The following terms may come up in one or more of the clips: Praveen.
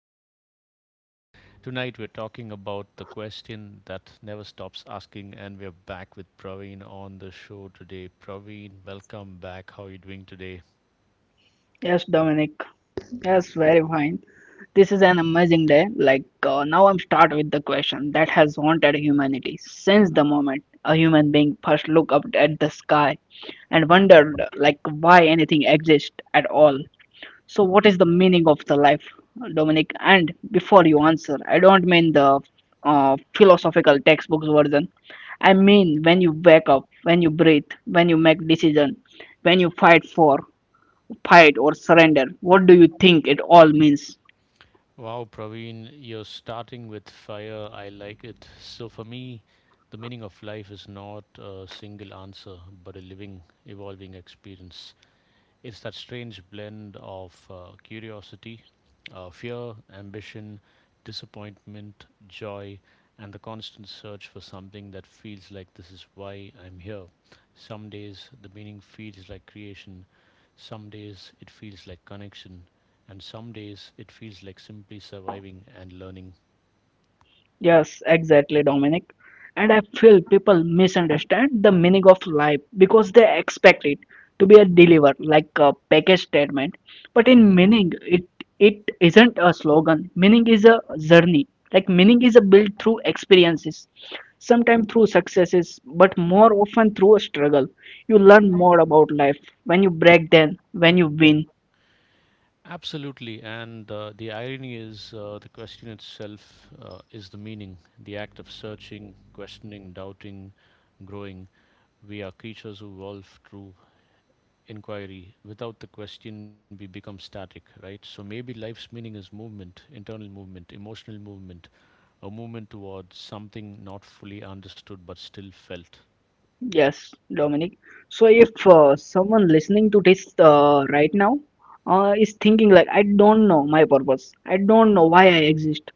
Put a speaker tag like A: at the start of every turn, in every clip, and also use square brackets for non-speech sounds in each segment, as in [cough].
A: you guys doing? Tonight we're talking about the question that never stops asking and we're back with Praveen on the show today. Praveen, welcome back. How are you doing today?
B: Yes, Dominic. Yes, very fine. This is an amazing day. Now, I'm start with the question that has haunted humanity since the moment a human being first looked up at the sky and wondered why anything exists at all. So, what is the meaning of the life, Dominic? And before you answer, I don't mean the philosophical textbooks version. I mean when you wake up, when you breathe, when you make decision, when you fight for fight or surrender. What do you think it all means?
A: Wow, Praveen, you're starting with fire. I like it. So for me, the meaning of life is not a single answer, but a living, evolving experience. It's that strange blend of curiosity, fear, ambition, disappointment, joy, and the constant search for something that feels like this is why I'm here. Some days the meaning feels like creation, some days it feels like connection, and some days it feels like simply surviving and learning.
B: Yes, exactly, Dominic. And I feel people misunderstand the meaning of life because they expect it to be a deliver like a package statement. But
A: Mhm.
B: in meaning, it isn't a slogan. Meaning is a journey. Like meaning is a built through experiences, sometimes through successes, but more often through a struggle. You learn more about life when you break down, when you win.
A: Absolutely, and the irony is the question itself is the meaning, the act of searching, questioning, doubting, growing. We are creatures who evolve through inquiry. Without the question, we become static, right? So maybe life's meaning is movement, internal movement, emotional movement, a movement towards something not fully understood but still felt.
B: Yes, Dominic. So if someone listening to this right now is thinking like, I don't know my purpose. I don't know why I exist.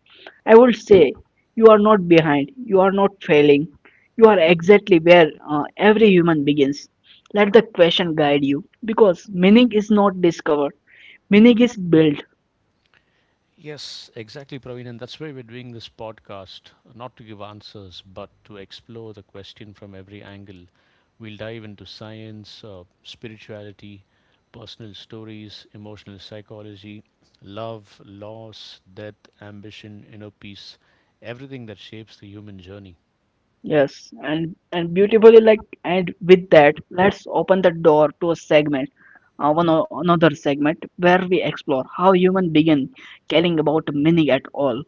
B: I would say you are not behind. You are not failing. You are exactly where every human begins. Let the question guide you because meaning is not discovered. Meaning is built.
A: Yes, exactly, Praveen. And that's why we're doing this podcast, not to give answers, but to explore the question from every angle. We'll dive into science, spirituality, personal stories, emotional psychology, love, loss, death, ambition, inner peace, everything that shapes the human journey.
B: Yes, and beautifully like and with that, let's open the door to a segment, another segment where we explore how human begin caring about meaning at all.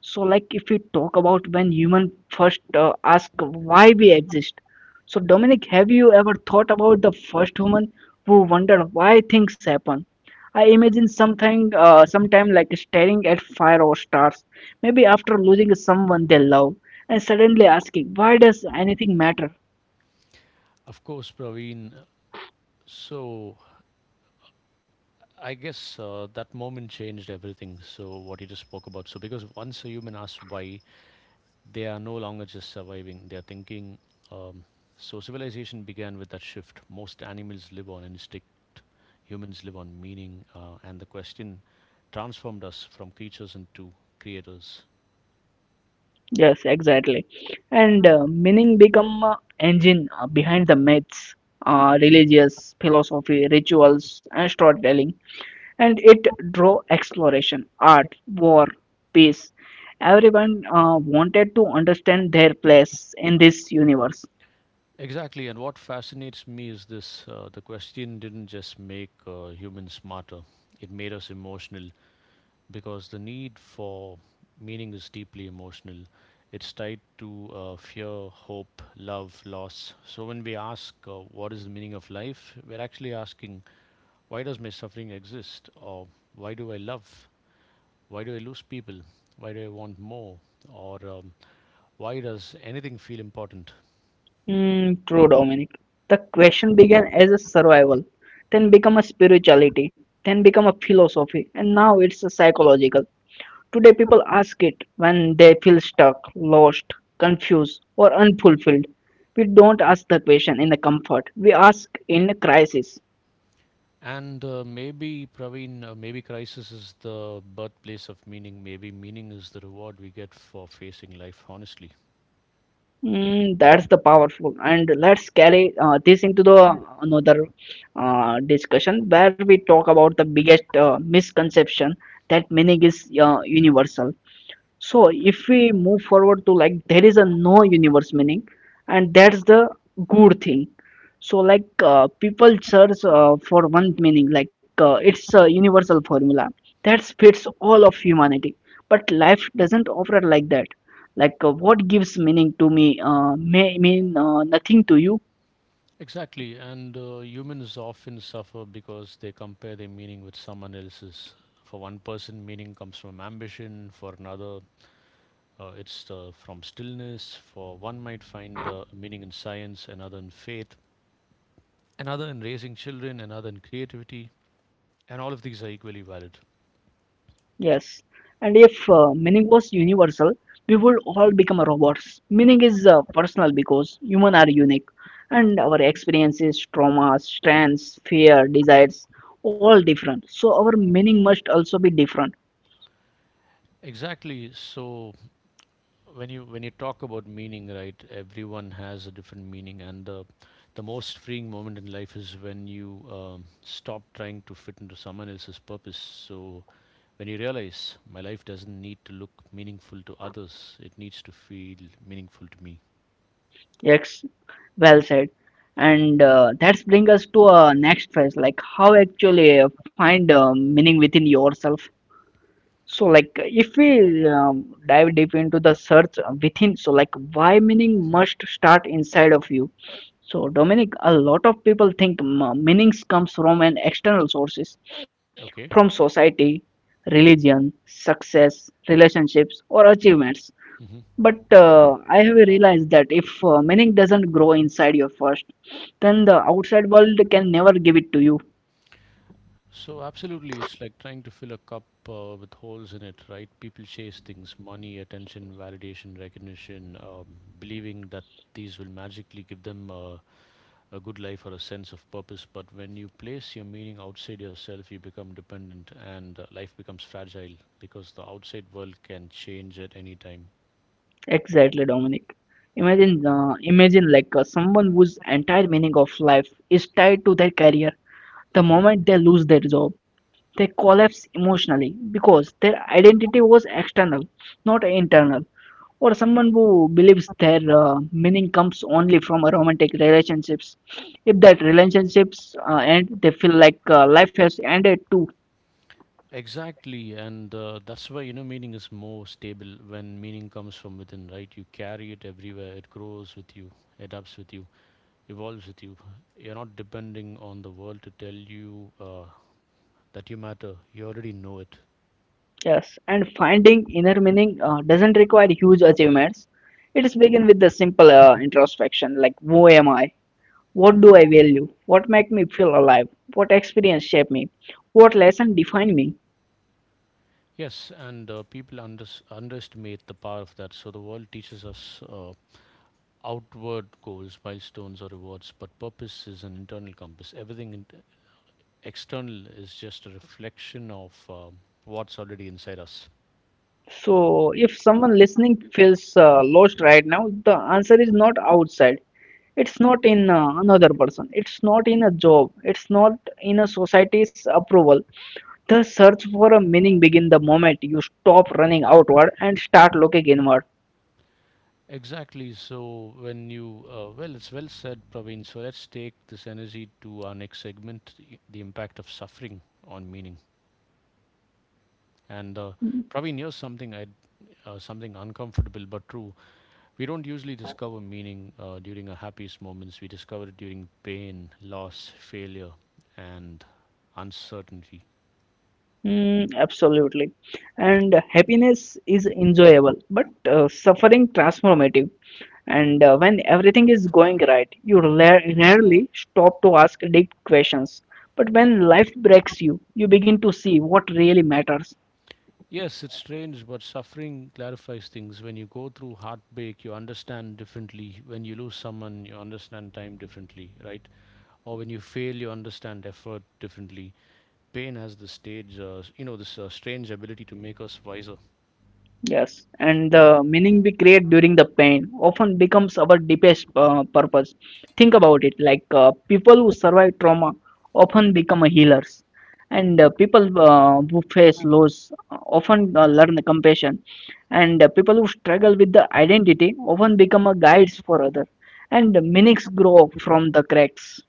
B: So, like, if we talk about when human first ask why we exist. So, Dominic, have you ever thought about the first human who wondered why things happen? I imagine something, sometime like staring at fire or stars, maybe after losing someone they love, and suddenly asking, why does anything matter?
A: Of course, Praveen. So I guess that moment changed everything. So what you just spoke about. So because once a human asks why, they are no longer just surviving, they are thinking. Um, so, civilization began with that shift. Most animals live on instinct, humans live on meaning, and the question transformed us from creatures into creators.
B: Yes, exactly. And meaning become engine behind the myths, religious philosophy, rituals, and storytelling, and it drove exploration, art, war, peace. Everyone wanted to understand their place in this universe.
A: Exactly, and what fascinates me is this the question didn't just make humans smarter, it made us emotional, because the need for meaning is deeply emotional. It's tied to fear, hope, love, loss. So when we ask, what is the meaning of life? We're actually asking, why does my suffering exist? Or why do I love? Why do I lose people? Why do I want more? Or why does anything feel important?
B: Hmm, true, Dominic. The question began as a survival, then become a spirituality, then become a philosophy, and now it's a psychological. Today, people ask it when they feel stuck, lost, confused, or unfulfilled. We don't ask the question in the comfort, we ask in a crisis.
A: And maybe, Praveen, maybe crisis is the birthplace of meaning. Maybe meaning is the reward we get for facing life honestly.
B: Mm, that's the powerful, and let's carry this into the another discussion where we talk about the biggest misconception that meaning is universal. So if we move forward to like there is a no universe meaning, and that's the good thing. So like people search for one meaning, like it's a universal formula that fits all of humanity. But life doesn't operate like that. Like what gives meaning to me may mean nothing to you.
A: Exactly, and humans often suffer because they compare their meaning with someone else's. For one person, meaning comes from ambition, for another, it's from stillness. For one, might find meaning in science, another in faith, another in raising children, another in creativity, and all of these are equally valid.
B: Yes, and if meaning was universal, we would all become robots. Meaning is personal because humans are unique, and our experiences, traumas, strengths, fear, desires, all different. So our meaning must also be different.
A: Exactly, so when you talk about meaning, right? Everyone has a different meaning, and the most freeing moment in life is when you stop trying to fit into someone else's purpose. So when you realize my life doesn't need to look meaningful to others, it needs to feel meaningful to me.
B: Yes, well said. And that's bring us to a next phase, like how actually find meaning within yourself. So like if we dive deep into the search within, so like why meaning
A: Hmm.
B: must start inside of you. So Dominic, a lot of people think meanings comes from an external sources, from
A: Okay.
B: society, religion, success, relationships, or achievements.
A: Hmm.
B: But I have realized that if meaning doesn't grow inside you first, then the outside world can never give it to you.
A: So absolutely, it's like trying to fill a cup with holes in it, right? People chase things, money, attention, validation, recognition, believing that these will magically give them a good life or a sense of purpose. But when you place your meaning outside yourself, you become dependent and life becomes fragile because the outside world can change at any time.
B: Exactly, Dominic. Imagine like someone whose entire meaning of life is tied to their career. The
A: Mhm.
B: moment they lose their job, they collapse emotionally because their identity was external, not internal. Or someone who believes their meaning comes only from a romantic relationships. If that relationships end, they feel like life has ended too.
A: Exactly, and that's why, you know, meaning is more stable when meaning comes from within, right? You carry it everywhere, it grows with you, adapts with you, evolves with you. You're not depending on the world to tell you that you matter, you already know it.
B: Yes, and finding inner meaning doesn't require huge achievements. It is begin with the simple introspection like who am I? What do I value? What make me feel alive? What experience shape me? What lesson define me?
A: Yes, and people unders underestimate the power of that. So the world teaches us outward goals, milestones, or rewards, but purpose is an internal compass. Everything in external is just a reflection of what's already inside us.
B: So if someone listening feels lost right now, the answer is not outside. It's not in another person. It's not in a job. It's not in a society's approval. The search for a meaning begin the moment you stop running outward and start looking inward.
A: Exactly. So when you, well, it's well said, Praveen. So let's take this energy to our next segment, the impact of suffering on meaning. And Praveen, here's something something uncomfortable but true. We don't usually discover meaning during our happiest moments. We discover it during pain, loss, failure, and uncertainty.
B: Mm, absolutely. And happiness is enjoyable, but suffering transformative. And when everything is going right, you rarely stop to ask deep questions. But when life breaks you, you begin to see what really matters.
A: Yes, it's strange, but suffering clarifies things. When you go through heartbreak, you understand differently. When you lose someone, you understand time differently, right? Or when you fail, you understand effort differently. Pain has this stage, you know, this strange ability to make us wiser.
B: Yes, and the meaning we create during the pain often becomes our deepest purpose. Think about it like people who survive trauma often become healers, and people who face loss often learn compassion, and people who struggle with the identity often become a guides for others, and meanings grow from the cracks.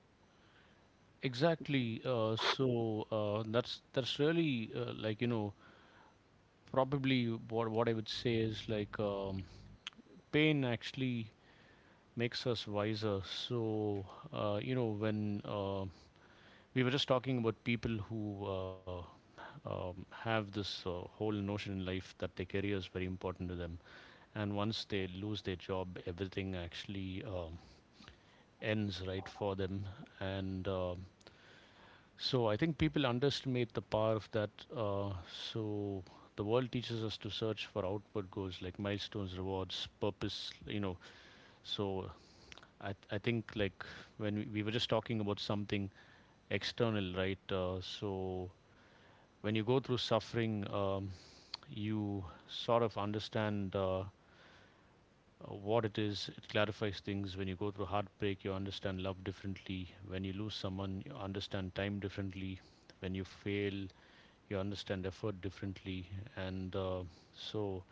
A: Exactly. So that's really like, you know, probably what I would say is like pain actually makes us wiser. So you know, when we were just talking about people who have this whole notion in life that their career is very important to them, and once they lose their job, everything actually ends, right, for them, and so I think people underestimate the power of that. So the world teaches us to search for outward goals like milestones, rewards, purpose. You know, so I think like when we were just talking about something external, right? So when you go through suffering, you sort of understand. What it is, it clarifies things. When you go through heartbreak, you understand love differently. When you lose someone, you understand time differently. When you fail, you understand effort differently, and so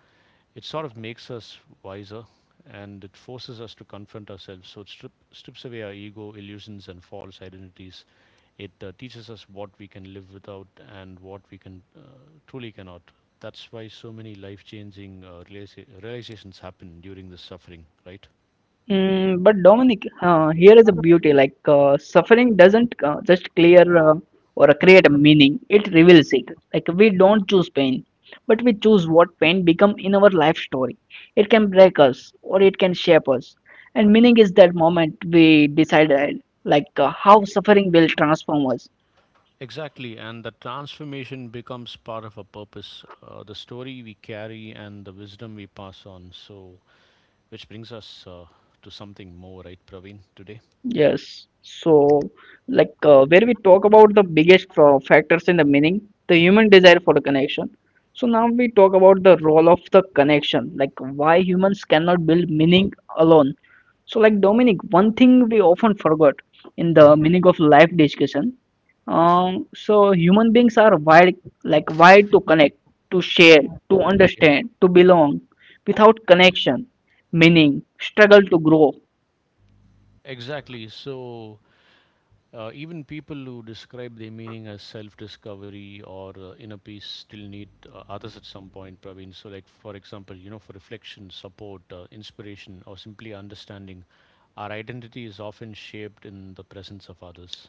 A: it sort of makes us wiser and it forces us to confront ourselves. So it strips away our ego illusions and false identities, it teaches us what we can live without and what we can truly cannot. That's why so many life changing realizations happen during this suffering, right?
B: Mm, but Dominic, here is a beauty. Like suffering doesn't just clear or create a meaning; it reveals it. Like we don't choose pain, but we choose what pain become in our life story. It can break us, or it can shape us. And meaning is that moment we decided, like how suffering will transform us.
A: Exactly, and the transformation becomes part of our purpose, the story we carry, and the wisdom we pass on. So, which brings us to something more, right, Praveen, today?
B: Yes. So, like where we talk about the biggest factors in the meaning, the human desire for a connection. So now we talk about the role of the connection, like why humans cannot build meaning alone. So, like Dominic, one thing we often forgot in the
A: Mhm.
B: meaning of life discussion. So human beings are wired, wired to connect, to share, to
A: Okay.
B: understand, to belong. Without connection, meaning, struggle to grow.
A: Exactly. So, even people who describe their meaning as self discovery or inner peace still need others at some point, Praveen. So, like, for example, you know, for reflection, support, inspiration, or simply understanding, our identity is often shaped in the presence of others.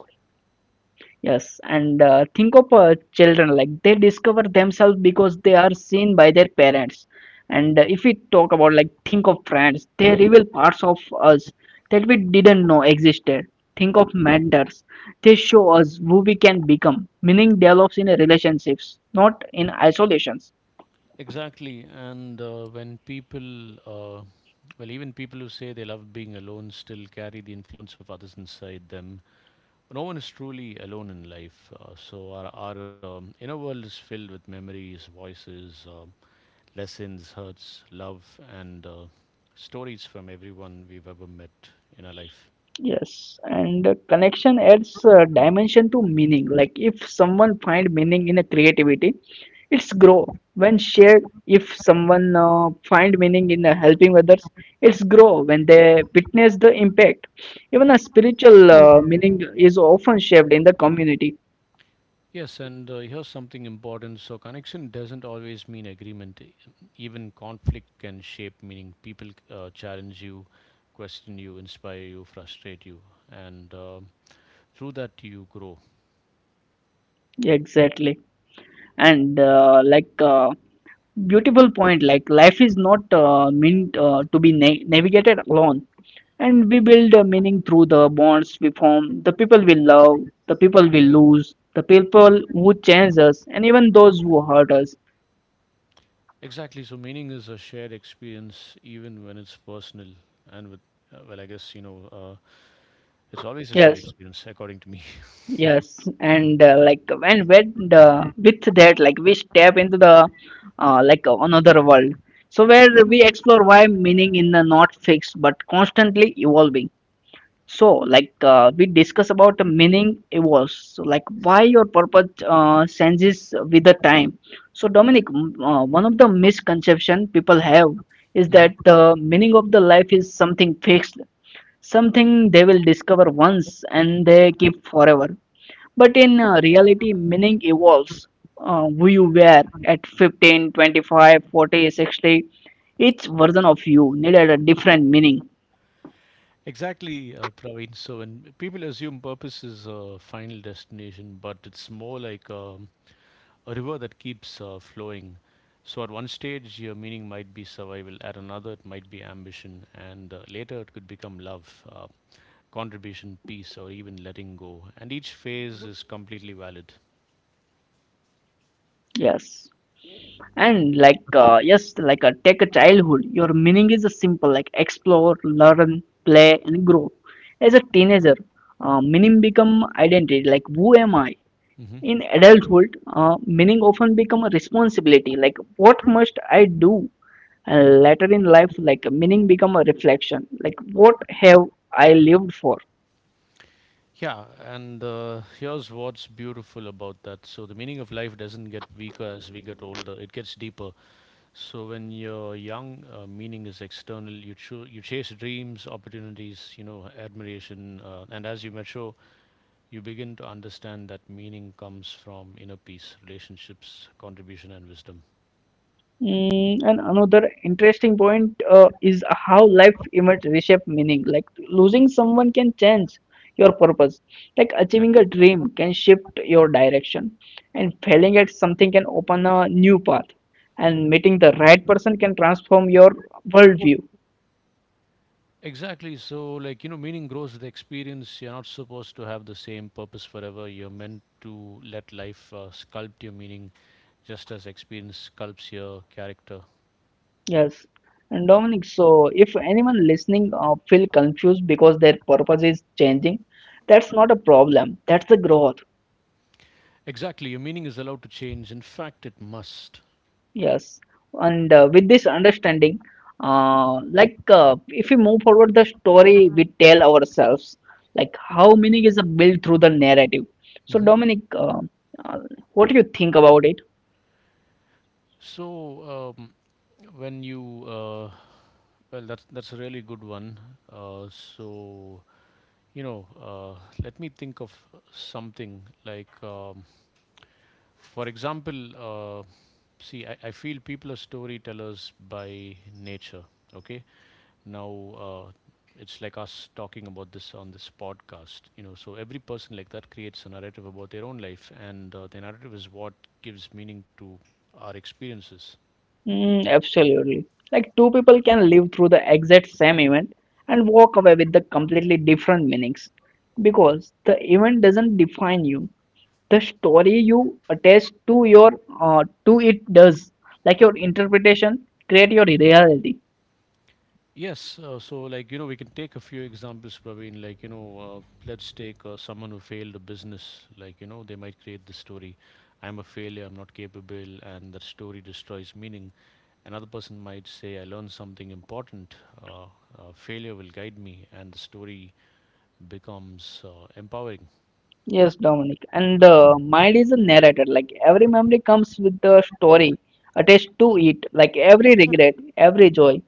B: Yes, and think of children like they discover themselves because they are seen by their parents. And if we talk about like think of friends, they reveal parts of us that we didn't know existed. Think of mentors, they show us who we can become. Meaning develops in relationships, not in isolation.
A: Exactly. And well, even people who say they love being alone still carry the influence of others inside them. No one is truly alone in life. Our inner world is filled with memories, voices, lessons, hurts, love, and stories from everyone we've ever met in our life.
B: Yes, and connection adds dimension to meaning. Like if someone find meaning in a creativity, it's grow. When shared, if someone find meaning in helping others, it's grow. When they witness the impact, even a spiritual meaning is often shaped in the community.
A: Yes, and here's something important. So connection doesn't always mean agreement. Even conflict can shape meaning. People challenge you, question you, inspire you, frustrate you, and through that you grow.
B: Exactly. and like Beautiful point, like life is not meant to be navigated alone, and we build a meaning through the bonds we form, the people we love, the people we lose, the people who change us, and even those who hurt us.
A: Exactly. So meaning is a shared experience, even when it's personal. And well, I guess, you know, it's always a shared
B: Yes,
A: experience, according to me.
B: yes, and like when the, with that, like we step into the another world, so where we explore why meaning in the not fixed but constantly evolving. So, like we discuss about the meaning evolves. So, like why your purpose changes with the time. So, Dominic, one of the misconception people have is
A: [laughs] Hmm.
B: that the meaning of the life is something fixed, something they will discover once and they keep forever. But in reality, meaning evolves. Who you were at 15, 25, 40, 60, each version of you needed a different meaning.
A: Exactly, Praveen. So when people assume purpose is a final destination, but it's more like a river that keeps flowing. So at one stage, your meaning might be survival. At another, it might be ambition, and later it could become love, contribution, peace, or even letting go. And each phase is completely valid.
B: Yes. And like yes, like a take a childhood, your meaning is simple like explore, learn, play, and grow. As a teenager, meaning become identity like who am I? In adulthood, meaning often become a responsibility like what must I do? And later in life, like meaning become a reflection like what have I lived for?
A: Yeah, and here's what's beautiful about that. So, the meaning of life doesn't get weaker as we get older, it gets deeper. So, when you're young, meaning is external. You chase dreams, opportunities, you know, admiration. And as you mature, you begin to understand that meaning comes from inner peace, relationships, contribution, and wisdom.
B: Mm, and another interesting point is how life events reshape meaning. Like losing someone can change your purpose. Like achieving
A: Exactly.
B: a dream can shift your direction, and failing at something can open a new path. And meeting the right person can transform your worldview.
A: Exactly. So, like, you know, meaning grows with experience. You're not supposed to have the same purpose forever. You're meant to let life sculpt your meaning just as experience sculpts your character.
B: Yes. And Dominic, so if anyone listening feel confused because their purpose is changing, that's not a problem. That's the growth.
A: Exactly. Your meaning is allowed to change. In fact, it must.
B: Yes, and with this understanding, if we move forward, the story we tell ourselves, like how meaning is built through the narrative. So,
A: Hmm.
B: Dominic, uh, uh, what do you think about it?
A: So, um, when you, uh, well, that's a really good one. Uh, so, you know, let me think of something like. For example, see, I feel people are storytellers by nature. Okay, now it's like us talking about this on this podcast. You know, so every person like that creates a narrative about their own life, and the narrative is what gives meaning to our experiences.
B: Mm, absolutely. Like two people can live through the exact same event and walk away with the completely different meanings because the event doesn't define you. The story you attach to your to it does. Like your interpretation create your reality.
A: Yes, so like, you know, we can take a few examples, Praveen. Like, you know, let's take someone who failed a business. Like, you know, they might create the story, "I'm a failure, I'm not capable," and that story destroys meaning. Another person might say, I learned something important, uh, failure will guide me, and the story becomes empowering.
B: Yes, Dominic. And the mind is a narrator. Like every memory comes with the story attached to it. Like every regret, every joy,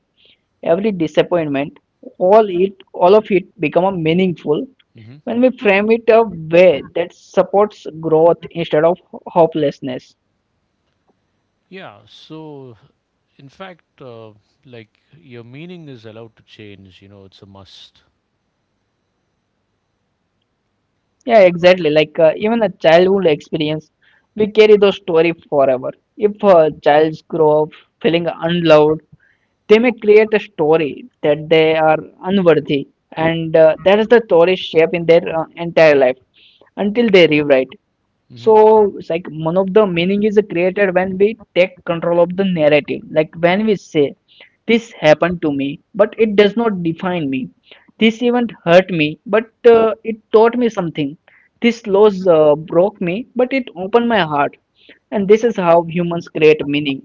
B: every disappointment, all of it become a meaningful
A: Hmm.
B: when we frame it a way that supports growth instead of hopelessness.
A: Yeah, so in fact, like your meaning is allowed to change, you know, it's a must.
B: Yeah, exactly. Like even a childhood experience, we carry those story forever. If a child's grow up feeling unloved, they may create a story that they are unworthy, and that is the story shape in their entire life until they rewrite. So
A: hmm
B: it's like one of the meaning is created when we take control of the narrative, like when we say this happened to me but it does not define me, this event hurt me but it taught me something, this loss broke me but it opened my heart, and this is how humans create meaning,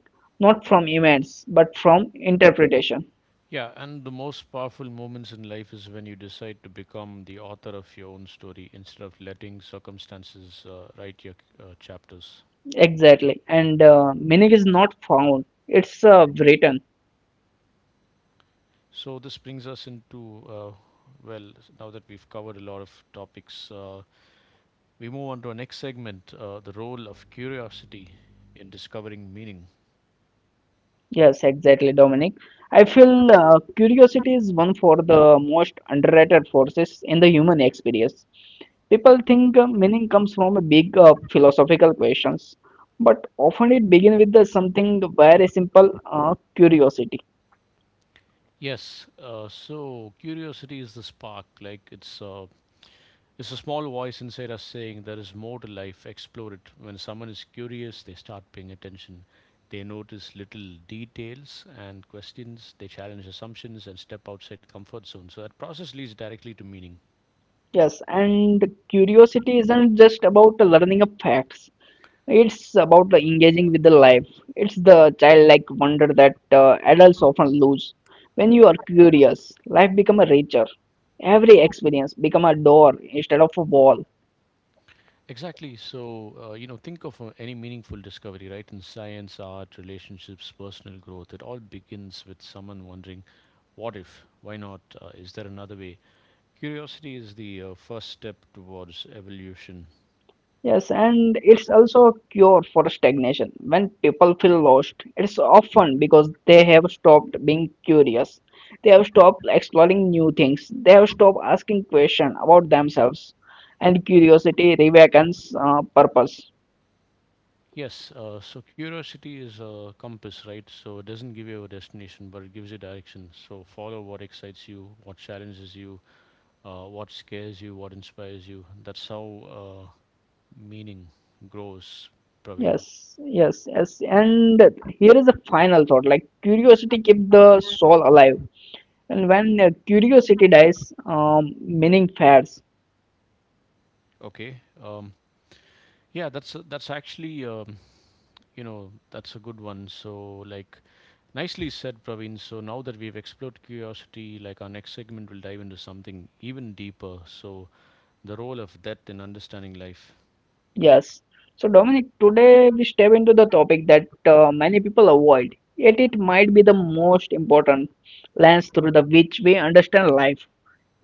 B: not from events but from interpretation.
A: Yeah, and the most powerful moments in life is when you decide to become the author of your own story instead of letting circumstances write your chapters.
B: Exactly, and meaning is not found, it's written.
A: So this brings us into, uh, well, now that we've covered a lot of topics. We move on to our next segment, the role of curiosity in discovering meaning.
B: Yes, exactly, Dominic. I feel curiosity is one for the most underrated forces in the human experience. People think meaning comes from a big philosophical questions, but often it begins with the something very simple, curiosity.
A: Yes, so curiosity is the spark, like it's a small voice inside us saying there is more to life, explore it. When someone is curious, they start paying attention. They notice little details and questions, they challenge assumptions and step outside comfort zone. So that process leads directly to meaning.
B: Yes, and curiosity isn't just about learning of facts. It's about the engaging with the life. It's the childlike wonder that adults often lose. When you are curious, life become a richer. Every experience become a door instead of a wall.
A: Exactly. So, you know, think of any meaningful discovery, right? In science, art, relationships, personal growth, it all begins with someone wondering, what if? Why not? Is there another way? Curiosity is the first step towards evolution.
B: Yes, and it's also a cure for stagnation. When people feel lost, it's often because they have stopped being curious. They have stopped exploring new things. They have stopped asking questions about themselves. And curiosity rewakens purpose.
A: Yes, so curiosity is a compass, right? So it doesn't give you a destination, but it gives you direction. So follow what excites you, what challenges you, what scares you, what inspires you. That's how meaning grows, Praveen.
B: Yes, yes, yes. And here is a final thought. Like curiosity keeps the soul alive, and when curiosity dies, meaning fades.
A: Okay. Yeah, that's actually you know, that's a good one. So like, nicely said, Praveen. So now that we've explored curiosity, like our next segment will dive into something even deeper. So the role of death in understanding life.
B: Yes. So Dominic, today we step into the topic that many people avoid, yet it might be the most important lens through the which we understand life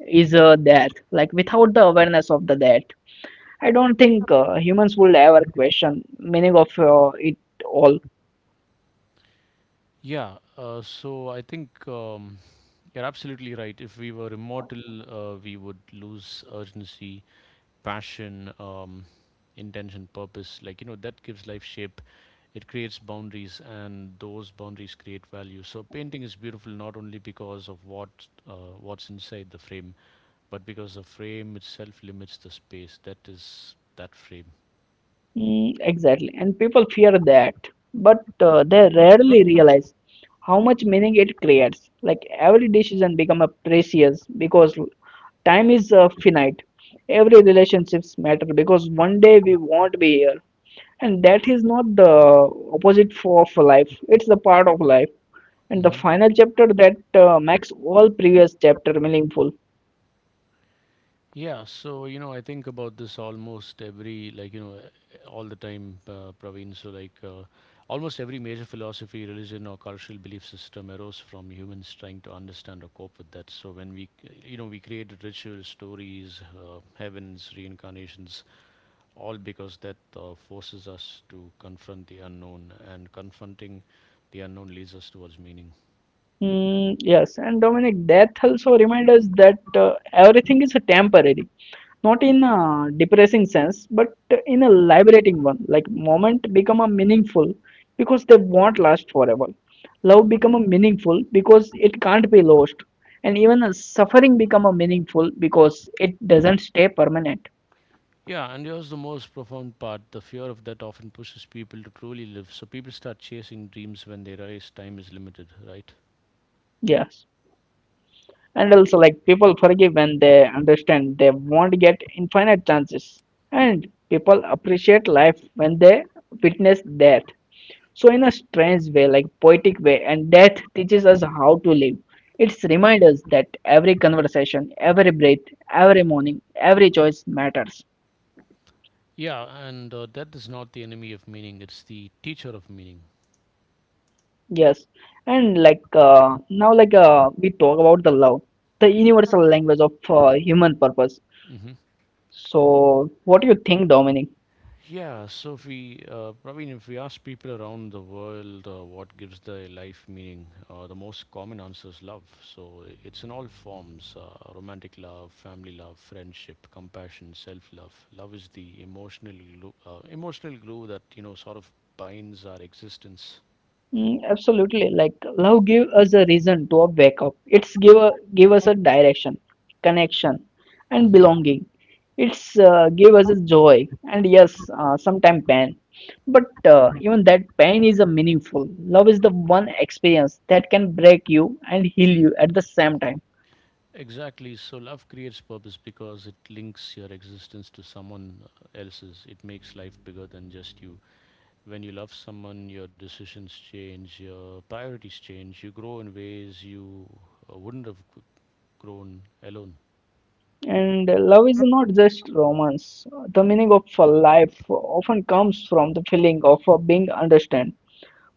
B: is death. Like without the awareness of the death, I don't think humans would ever question meaning of it all.
A: Yeah. So I think you're absolutely right. If we were immortal, we would lose urgency, passion, intention, purpose. Like, you know, that gives life shape. It creates boundaries, and those boundaries create value. So painting is beautiful not only because of what's inside the frame, but because the frame itself limits the space that is that frame.
B: Mm, exactly, and people fear that, but they rarely realize how much meaning it creates. Like every decision becomes precious because time is finite. Every relationships matter because one day we won't be here, and that is not the opposite for of life. It's the part of life, and the
A: hmm
B: final chapter that makes all previous chapter meaningful.
A: Yeah, so you know, I think about this almost every, like, you know, eh, all the time, Praveen. So, like, almost every major philosophy, religion, or cultural belief system arose from humans trying to understand or cope with that. So, when we, you know, we created rituals, stories, heavens, reincarnations, all because that forces us to confront the unknown, and confronting the unknown leads us towards meaning.
B: Mm, yes, and Dominic, death also reminds us that everything is temporary, not in a depressing sense but in a liberating one, like moment become a meaningful because they won't last forever, love become a meaningful because it can't be lost, and even a suffering become a meaningful because it doesn't stay permanent.
A: Yeah, and here's the most profound part: the fear of that often pushes people to truly live. So people start chasing dreams when they realize time is limited, right?
B: Yes, and also like people forgive when they understand they won't get infinite chances, and people appreciate life when they witness that. So, in a strange way, like poetic way, and death teaches us how to live. It's reminds us that every conversation, every breath, every morning, every choice matters.
A: Yeah, and that is not the enemy of meaning, it's the teacher of meaning.
B: Yes, and like now, like we talk about the love, the universal language of human purpose.
A: hmm
B: So, what do you think, Dominic?
A: Yeah, so if we, Praveen, if we ask people around the world what gives their life meaning, the most common answer is love. So it's in all forms, romantic love, family love, friendship, compassion, self love. Love is the emotional glue that, you know, sort of binds our existence.
B: Mm, absolutely. Like love give us a reason to a wake up. It's give a, give us a direction, connection, and
A: hmm
B: belonging. It's give us a joy and yes, sometimes pain. But even that pain is a meaningful. Love is the one experience that can break you and heal you at the same time.
A: Exactly. So love creates purpose because it links your existence to someone else's. It makes life bigger than just you. When you love someone, your decisions change, your priorities change, you grow in ways you wouldn't have g- grown alone.
B: And love is not just romance. The meaning of a life often comes from the feeling of being understood,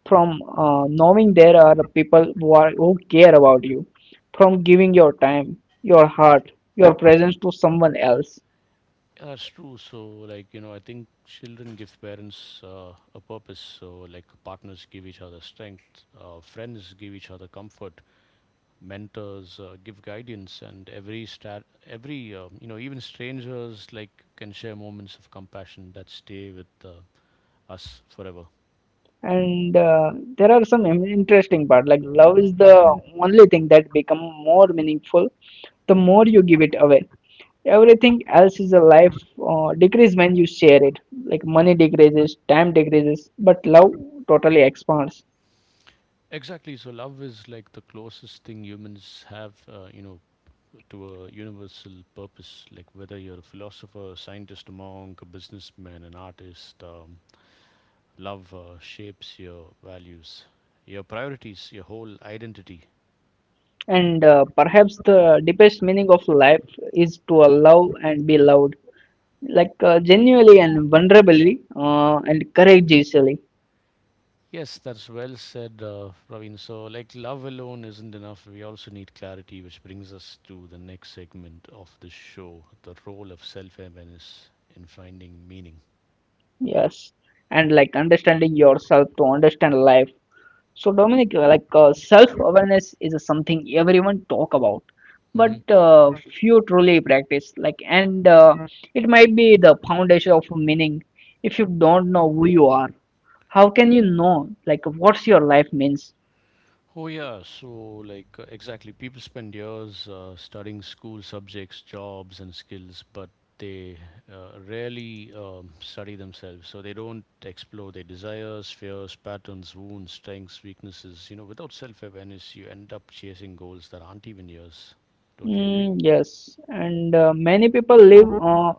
B: from knowing there are people who, are, who care about you, from giving your time, your heart, your presence to someone else.
A: Yeah, that's true. So, like, you know, I think children give parents a purpose. So, like, partners give each other strength, friends give each other comfort, mentors give guidance, and every star, every, you know, even strangers, like, can share moments of compassion that stay with us forever.
B: And there are some interesting part like love is the only thing that become more meaningful the more you give it away. Everything else is a life decrease when you share it. Like money decreases, time decreases, but love totally expands.
A: Exactly. So love is like the closest thing humans have, you know, to a universal purpose. Like whether you're a philosopher, scientist, a monk, a businessman, an artist, love shapes your values, your priorities, your whole identity.
B: And perhaps the deepest meaning of life is to love and be loved. Like genuinely and vulnerably and courageously.
A: Yes, that's well said, Praveen. So, like, love alone isn't enough. We also need clarity, which brings us to the next segment of the show: the role of self awareness in finding meaning.
B: Yes, and like understanding yourself to understand life. So Dominic, like self-awareness is something everyone talk about, but few truly practice, like and it might be the foundation of meaning. If you don't know who you are, how can you know like what's your life means?
A: Oh, yeah. So, like, exactly. People spend years studying school subjects, jobs, and skills, but they rarely study themselves. So, they don't explore their desires, fears, patterns, wounds, strengths, weaknesses. You know, without self awareness, you end up chasing goals that aren't even yours. Don't you agree?
B: Mm, yes, and many people live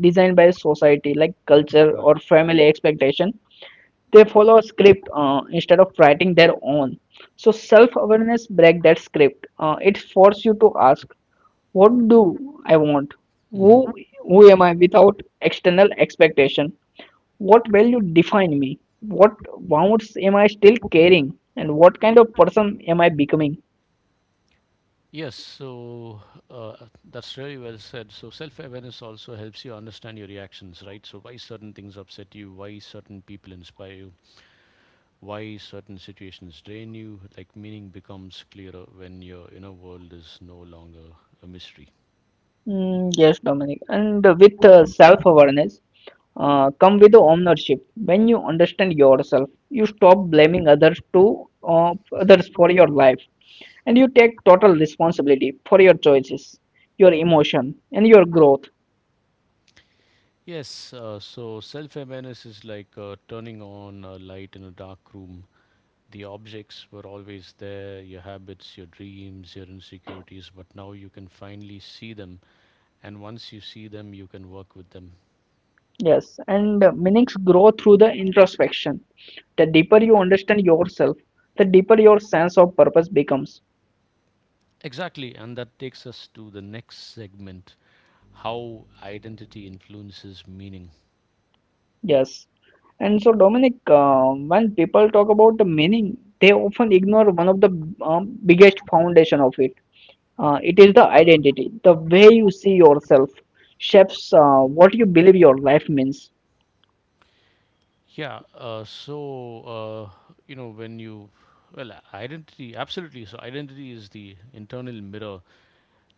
B: designed by society, like culture
A: Correct.
B: or family expectation. They follow a script instead of writing their own. So self-awareness break that script. It force you to ask, what do I want?
A: hmm
B: Who who am I without external expectation? What value define me? What wounds am I still carrying? And what kind of person am I becoming?
A: Yes, so uh, that's really well said. So self-awareness also helps you understand your reactions, right? So why certain things upset you, why certain people inspire you, why certain situations drain you, like meaning becomes clearer when your inner world is no longer a mystery.
B: Mm, yes, Dominic. And with self-awareness, come with ownership. When you understand yourself, you stop blaming others to others for your life, and you take total responsibility for your choices, your emotion, and your growth.
A: Yes, so self-awareness is like turning on a light in a dark room. The objects were always there, your habits, your dreams, your insecurities, but now you can finally see them. And once you see them, you can work with them.
B: Yes, and meanings grow through the introspection. The deeper you understand yourself, the deeper your sense of purpose becomes.
A: Exactly, and that takes us to the next segment: how identity influences meaning.
B: Yes. And so, Dominic, when people talk about the meaning, they often ignore one of the biggest foundation of it. It is the identity. The way you see yourself shapes what you believe your life means.
A: Yeah, you know, when you, identity, absolutely. So identity is the internal mirror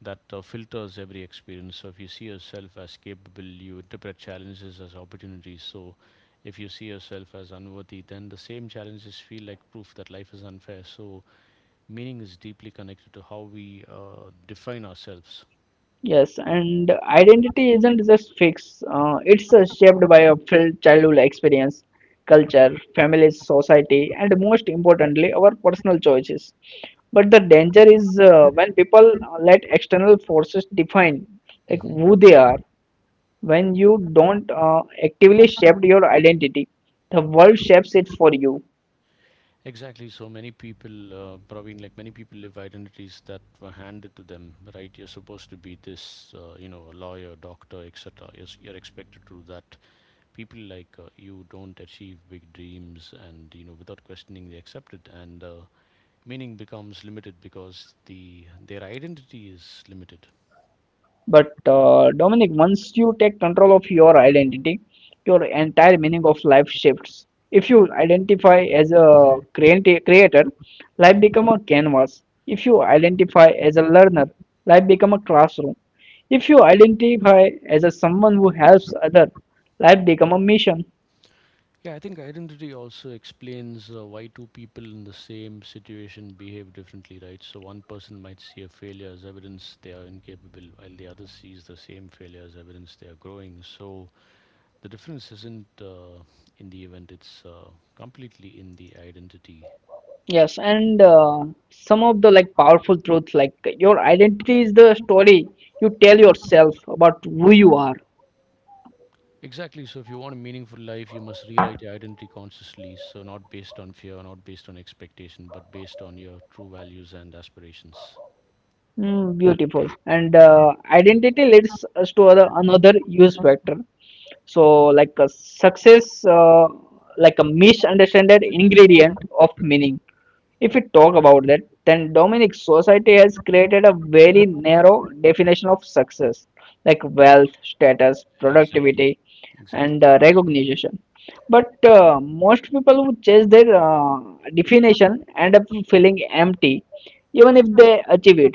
A: that filters every experience. So if you see yourself as capable, you interpret challenges as opportunities. So if you see yourself as unworthy, then the same challenges feel like proof that life is unfair. So meaning is deeply connected to how we define ourselves.
B: Yes, and identity isn't just fixed. It's shaped by a filled childhood experience, culture, family, society, and most importantly, our personal choices. But the danger is when people let external forces define like who they are. When you don't actively shape your identity, the world shapes it for you.
A: Exactly. So many people, Praveen, like many people live identities that were handed to them, right? You're supposed to be this, you know, a lawyer, doctor, etc. You're, you're expected to do that. People like you don't achieve big dreams and, you know, without questioning, they accept it. And meaning becomes limited because the their identity is limited.
B: But Dominic, once you take control of your identity, your entire meaning of life shifts. If you identify as a
A: Mhm.
B: creator, life become a canvas. If you identify as a learner, life become a classroom. If you identify as a someone who helps other, life become a mission.
A: Yeah, I think identity also explains why two people in the same situation behave differently, right? So one person might see a failure as evidence they are incapable, while the other sees the same failure as evidence they are growing. So the difference isn't in the event, it's completely in the identity.
B: Yes, and some of the like powerful truths like your identity is the story you tell yourself about who you are.
A: Exactly. So if you want a meaningful life, you must rewrite your identity consciously. So not based on fear, not based on expectation, but based on your true values and aspirations.
B: Mm, beautiful. And identity leads us to other, another use factor. So, like a success, like a misunderstood ingredient of meaning. If we talk about that, then Dominic society has created a very narrow definition of success, like wealth, status,
A: Exactly.
B: productivity,
A: Exactly.
B: and recognition. But most people who chase their definition end up feeling empty, even if they achieve it.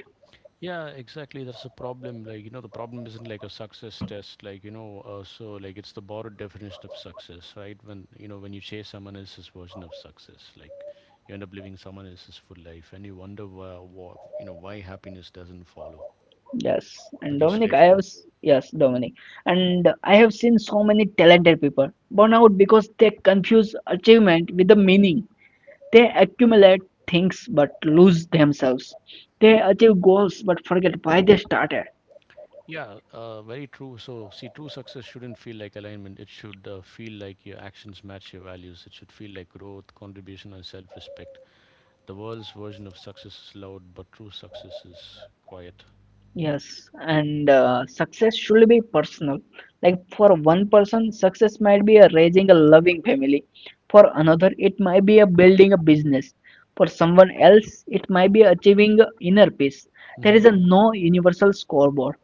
A: Yeah, exactly. That's a problem. Like, you know, the problem isn't like a success test. Like, you know, so like it's the borrowed definition of success, right? When, you know, when you chase someone else's version of success, like you end up living someone else's full life and you wonder why, you know, why happiness doesn't follow.
B: Yes, and
A: Pretty
B: Dominic, I have
A: straightforward.
B: s- yes, Dominic, and I have seen so many talented people burn out because they confuse achievement with the meaning. They accumulate things but lose themselves. They achieve goals but forget why they started.
A: Yeah, very true. So, see, true success shouldn't feel like alignment. It should feel like your actions match your values. It should feel like growth, contribution, and self respect. The world's version of success is loud, but true success is quiet.
B: Yes, and success should be personal. Like for one person, success might be a raising a loving family. For another, it might be a building a business. For someone else, it might be achieving a inner peace. There is
A: hmm
B: a no universal scoreboard.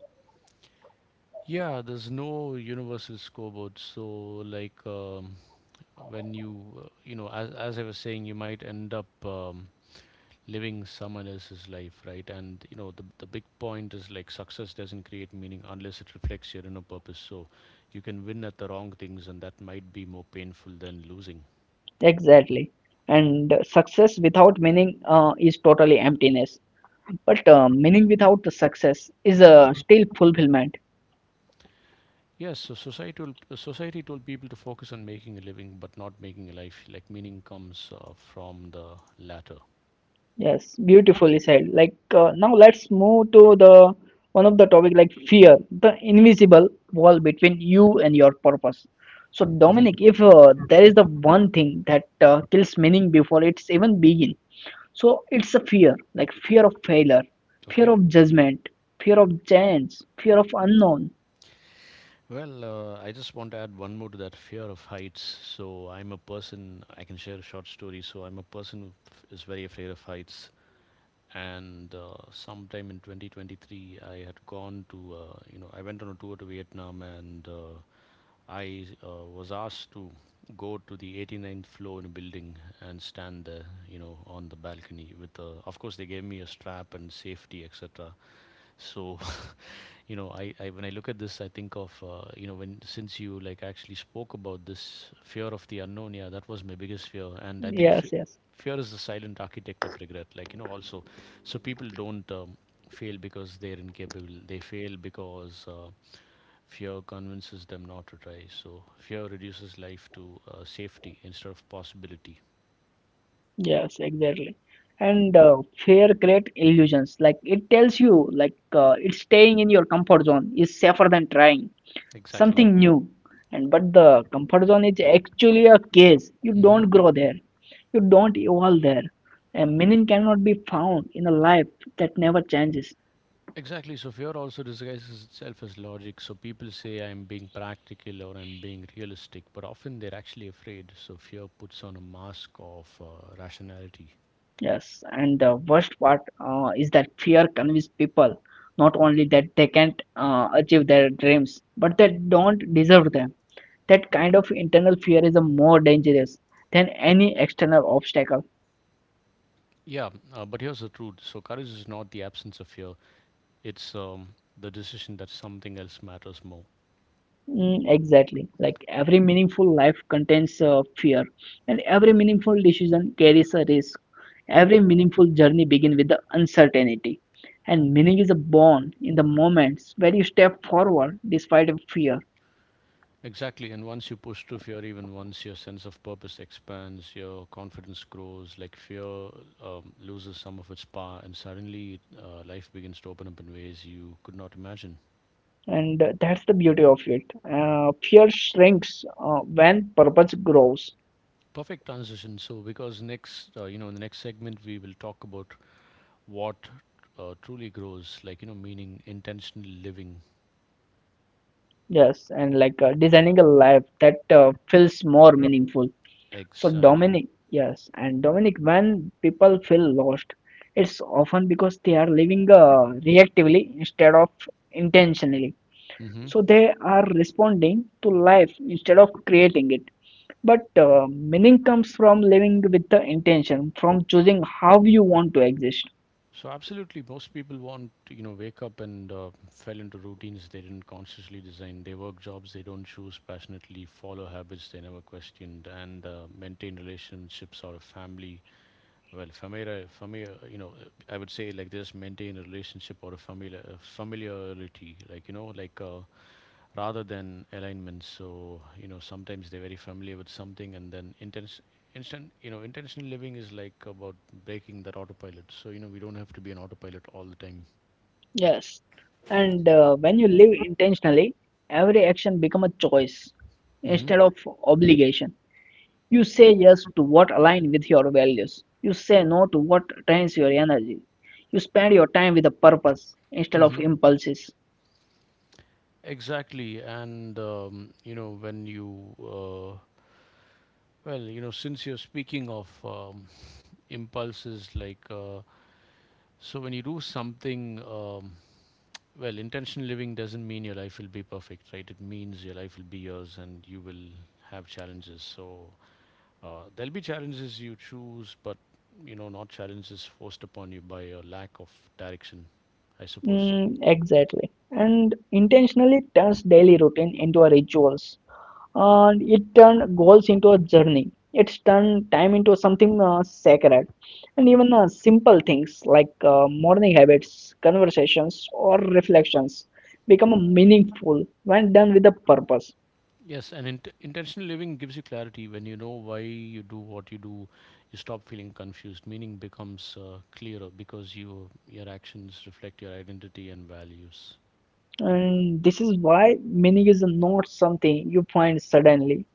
A: Yeah, there's no universal scoreboard. So, like, when you, you know, as I was saying, you might end up living someone else's life, right? And, you know, the big point is, like, success doesn't create meaning unless it reflects your inner purpose. So you can win at the wrong things, and that might be more painful than losing.
B: Exactly. And success without meaning is totally emptiness. But meaning without the success is still fulfillment.
A: Yes, so societal, society told people to focus on making a living, but not making a life. Like meaning comes from the latter.
B: Yes, beautifully said. Like now, let's move to the one of the topic like fear, the invisible wall between you and your purpose. So,
A: hmm
B: Dominic, if there is the one thing that kills meaning before it's even begin, so it's a fear, like fear of failure, fear
A: Okay.
B: of judgment, fear of change, fear of unknown.
A: Well, I just want to add one more to that: fear of heights. So I'm a person, I can share a short story. So I'm a person who is very afraid of heights. And sometime in 2023, I had gone to, you know, I went on a tour to Vietnam, and I was asked to go to the 89th floor in a building and stand there, you know, on the balcony with, of course, they gave me a strap and safety, etc. So you know, I, when I look at this I think of, you know, when, since you like actually spoke about this fear of the unknown, yeah, that was my biggest fear. And I think,
B: Yes, yes.
A: fear is the silent architect of regret, like you know also. So people don't fail because they're incapable, they fail because fear convinces them not to try. So fear reduces life to safety instead of possibility.
B: Yes, exactly. And fear create illusions. Like it tells you, like it's staying in your comfort zone is safer than trying
A: Exactly.
B: something new. And but the comfort zone is actually a cage. You
A: hmm
B: don't grow there. You don't evolve there. And meaning cannot be found in a life that never changes.
A: Exactly. So fear also disguises itself as logic. So people say I'm being practical or I'm being realistic, but often they're actually afraid. So fear puts on a mask of rationality.
B: Yes, and the worst part is that fear convinces people not only that they can't achieve their dreams, but they don't deserve them. That kind of internal fear is a more dangerous than any external obstacle.
A: Yeah, but here's the truth. So courage is not the absence of fear, it's the decision that something else matters more.
B: Mm, exactly. Like every meaningful life contains fear, and every meaningful decision carries a risk. Every meaningful journey begins with the uncertainty, and meaning is born in the moments where you step forward despite fear.
A: Exactly. And once you push through fear, even once, your sense of purpose expands, your confidence grows, like fear loses some of its power, and suddenly life begins to open up in ways you could not imagine.
B: And that's the beauty of it. Fear shrinks when purpose grows.
A: Perfect transition. So, because next, you know, in the next segment, we will talk about what truly grows, like, you know, meaning: intentional living.
B: Yes, and like designing a life that feels more meaningful. So
A: Exactly.
B: Dominic, yes, and Dominic, when people feel lost, it's often because they are living reactively instead of intentionally.
A: hmm
B: So they are responding to life instead of creating it. But meaning comes from living with the intention, from choosing how you want to exist.
A: So, absolutely, most people want, to, you know, wake up and fell into routines they didn't consciously design. They work jobs they don't choose passionately, follow habits they never questioned, and maintain relationships or a family. Well, familiar, familiar, you know, I would say like this: maintain a relationship or a familiar, familiarity, like you know, like. Rather than alignment. So you know sometimes they're very familiar with something, and then intense instant you know intentional living is like about breaking that autopilot. So you know we don't have to be an autopilot all the time.
B: Yes, and when you live intentionally, every action become a choice
A: Hmm.
B: instead of obligation. You say yes to what align with your values. You say no to what drains your energy. You spend your time with a purpose instead of
A: Hmm.
B: impulses.
A: Exactly, and you know when you well, you know since you're speaking of impulses, so when you do something, intentional living doesn't mean your life will be perfect, right? It means your life will be yours, and you will have challenges. So there'll be challenges you choose, but you know, not challenges forced upon you by a lack of direction, I suppose.
B: Mm, exactly. And intentionally turns daily routine into a rituals. And it turned goals into a journey. It's turned time into something sacred. And even simple things like morning habits, conversations, or reflections become meaningful when done with a purpose.
A: Yes, and intentional living gives you clarity when you know why you do what you do. You stop feeling confused. Meaning becomes clearer because your actions reflect your identity and values.
B: And this is why meaning is not something you find suddenly.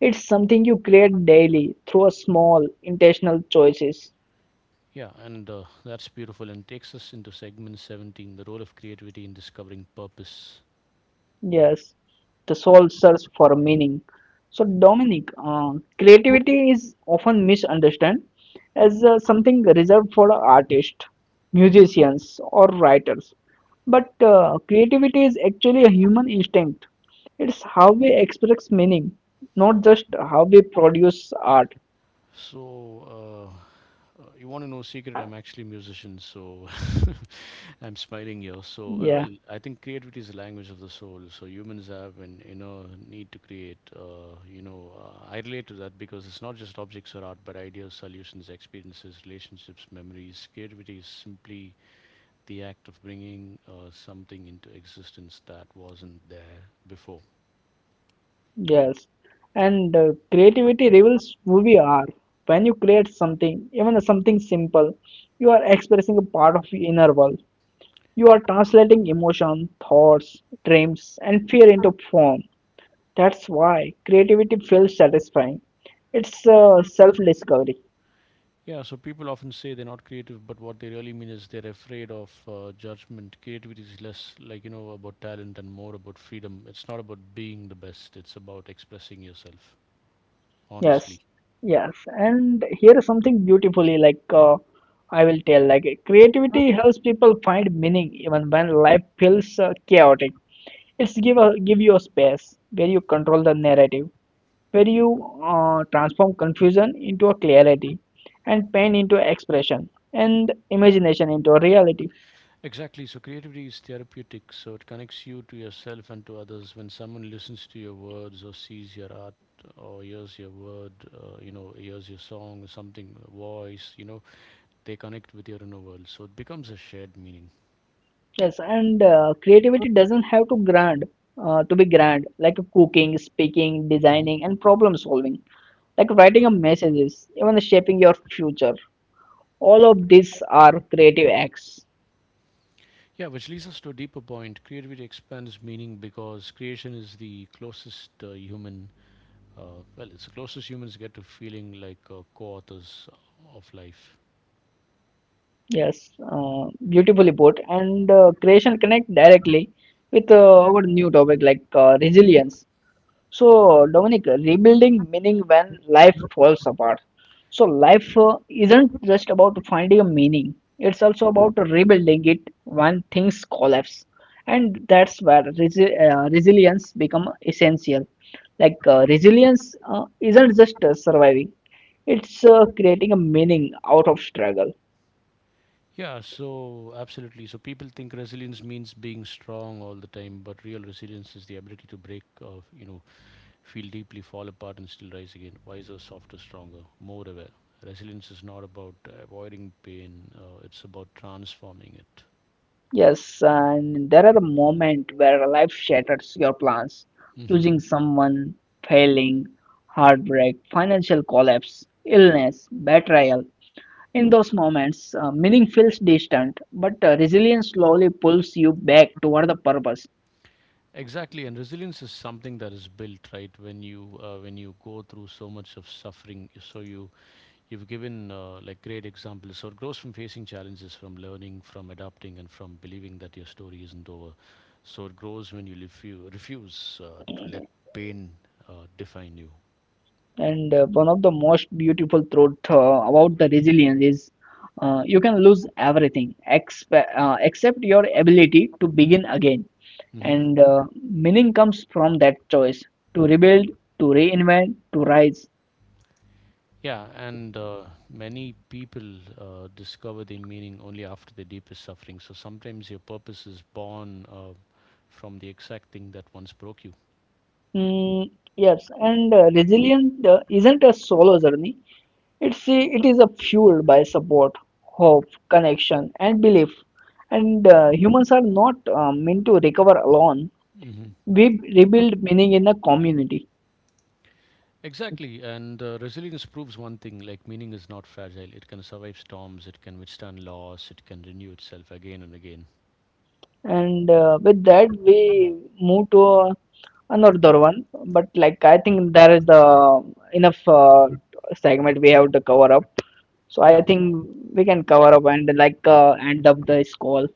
B: It's something you create daily through a small intentional choices.
A: Yeah, and that's beautiful and takes us into segment 17, the role of creativity in discovering purpose.
B: Yes, the soul search for meaning. So, Dominic, creativity is often misunderstood as something reserved for artists, musicians, or writers. But creativity is actually a human instinct. It's how we express meaning, not just how we produce art.
A: So you want to know secret? I'm actually a musician, so [laughs] I'm smiling here. So, uh,
B: Yeah.
A: well, I think creativity is the language of the soul. So humans have an inner need to create. I relate to that because it's not just objects or art, but ideas, solutions, experiences, relationships, memories. Creativity is simply the act of bringing something into existence that wasn't there before.
B: Yes, and creativity reveals who we are. When you create something, even something simple, you are expressing a part of your inner world. You are translating emotion, thoughts, dreams, and fear into form. That's why creativity feels satisfying. It's self-discovery.
A: Yeah, so people often say they're not creative, but what they really mean is they're afraid of judgment. Creativity is less, like, you know, about talent and more about freedom. It's not about being the best, it's about expressing yourself
B: Yes,
A: honestly.
B: yes, and here is something beautifully like I will tell like creativity helps people find meaning even when life feels chaotic. It's give a give you a space where you control the narrative, where you transform confusion into a clarity, and pain into expression, and imagination into a reality.
A: Exactly, so creativity is therapeutic, so it connects you to yourself and to others. When someone listens to your words or sees your art or hears your word, hears your song or something, voice, you know, they connect with your inner world. So it becomes a shared meaning.
B: Yes, and creativity doesn't have to grand to be grand, like cooking, speaking, designing, and problem solving, like writing a messages, even shaping your future. All of these are creative acts.
A: Yeah, which leads us to a deeper point. Creativity expands meaning because creation is the closest it's the closest humans get to feeling like co authors of life.
B: Yes, beautifully put. And creation connect directly with our new topic like resilience. So, Dominic, rebuilding meaning when life falls apart. So, life isn't just about finding a meaning, it's also about rebuilding it when things collapse. And that's where resilience become essential. Like resilience isn't just surviving; it's creating a meaning out of struggle.
A: Yeah, so absolutely. So people think resilience means being strong all the time, but real resilience is the ability to break, feel deeply, fall apart, and still rise again. Wiser, softer, stronger, more aware. Resilience is not about avoiding pain, it's about transforming it.
B: Yes, and there are a moment where life shatters your plans.
A: Mhm.
B: Losing someone, failing, heartbreak, financial collapse, illness, betrayal. In those moments, meaning feels distant, but resilience slowly pulls you back toward the purpose.
A: Exactly, and resilience is something that is built, right? When you go through so much of suffering, so you've given like great examples. So it grows from facing challenges, from learning, from adapting, and from believing that your story isn't over. So it grows when you refuse to let pain define you.
B: And one of the most beautiful truth about the resilience is you can lose everything except your ability to begin again.
A: Hmm.
B: And meaning comes from that choice to rebuild, to reinvent, to rise.
A: Yeah, and many people discover their meaning only after their deepest suffering. So sometimes your purpose is born from the exact thing that once broke you.
B: Mm, yes, and resilience isn't a solo journey. It is a fueled by support, hope, connection, and belief. And humans are not meant to recover alone.
A: Hmm.
B: We rebuild meaning in the community.
A: Exactly, and resilience proves one thing: like meaning is not fragile. It can survive storms. It can withstand loss. It can renew itself again and again.
B: And with that we move to another one, but like I think there is the enough segment we have to cover up, so I
A: Yeah,
B: think we can cover up and like end up this call.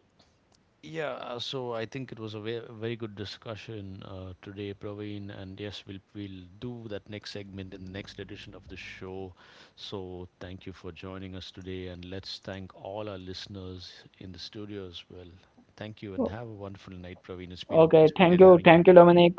A: yeah. So I think it was a very good discussion today, Praveen. And yes, we'll do that next segment in the next edition of the show. So thank you for joining us today, and let's thank all our listeners in the studio as well. Thank you, and have a wonderful night, Praveen.
B: Okay,
A: It's been
B: thank
A: great
B: you,
A: having you.
B: thank you, Dominic.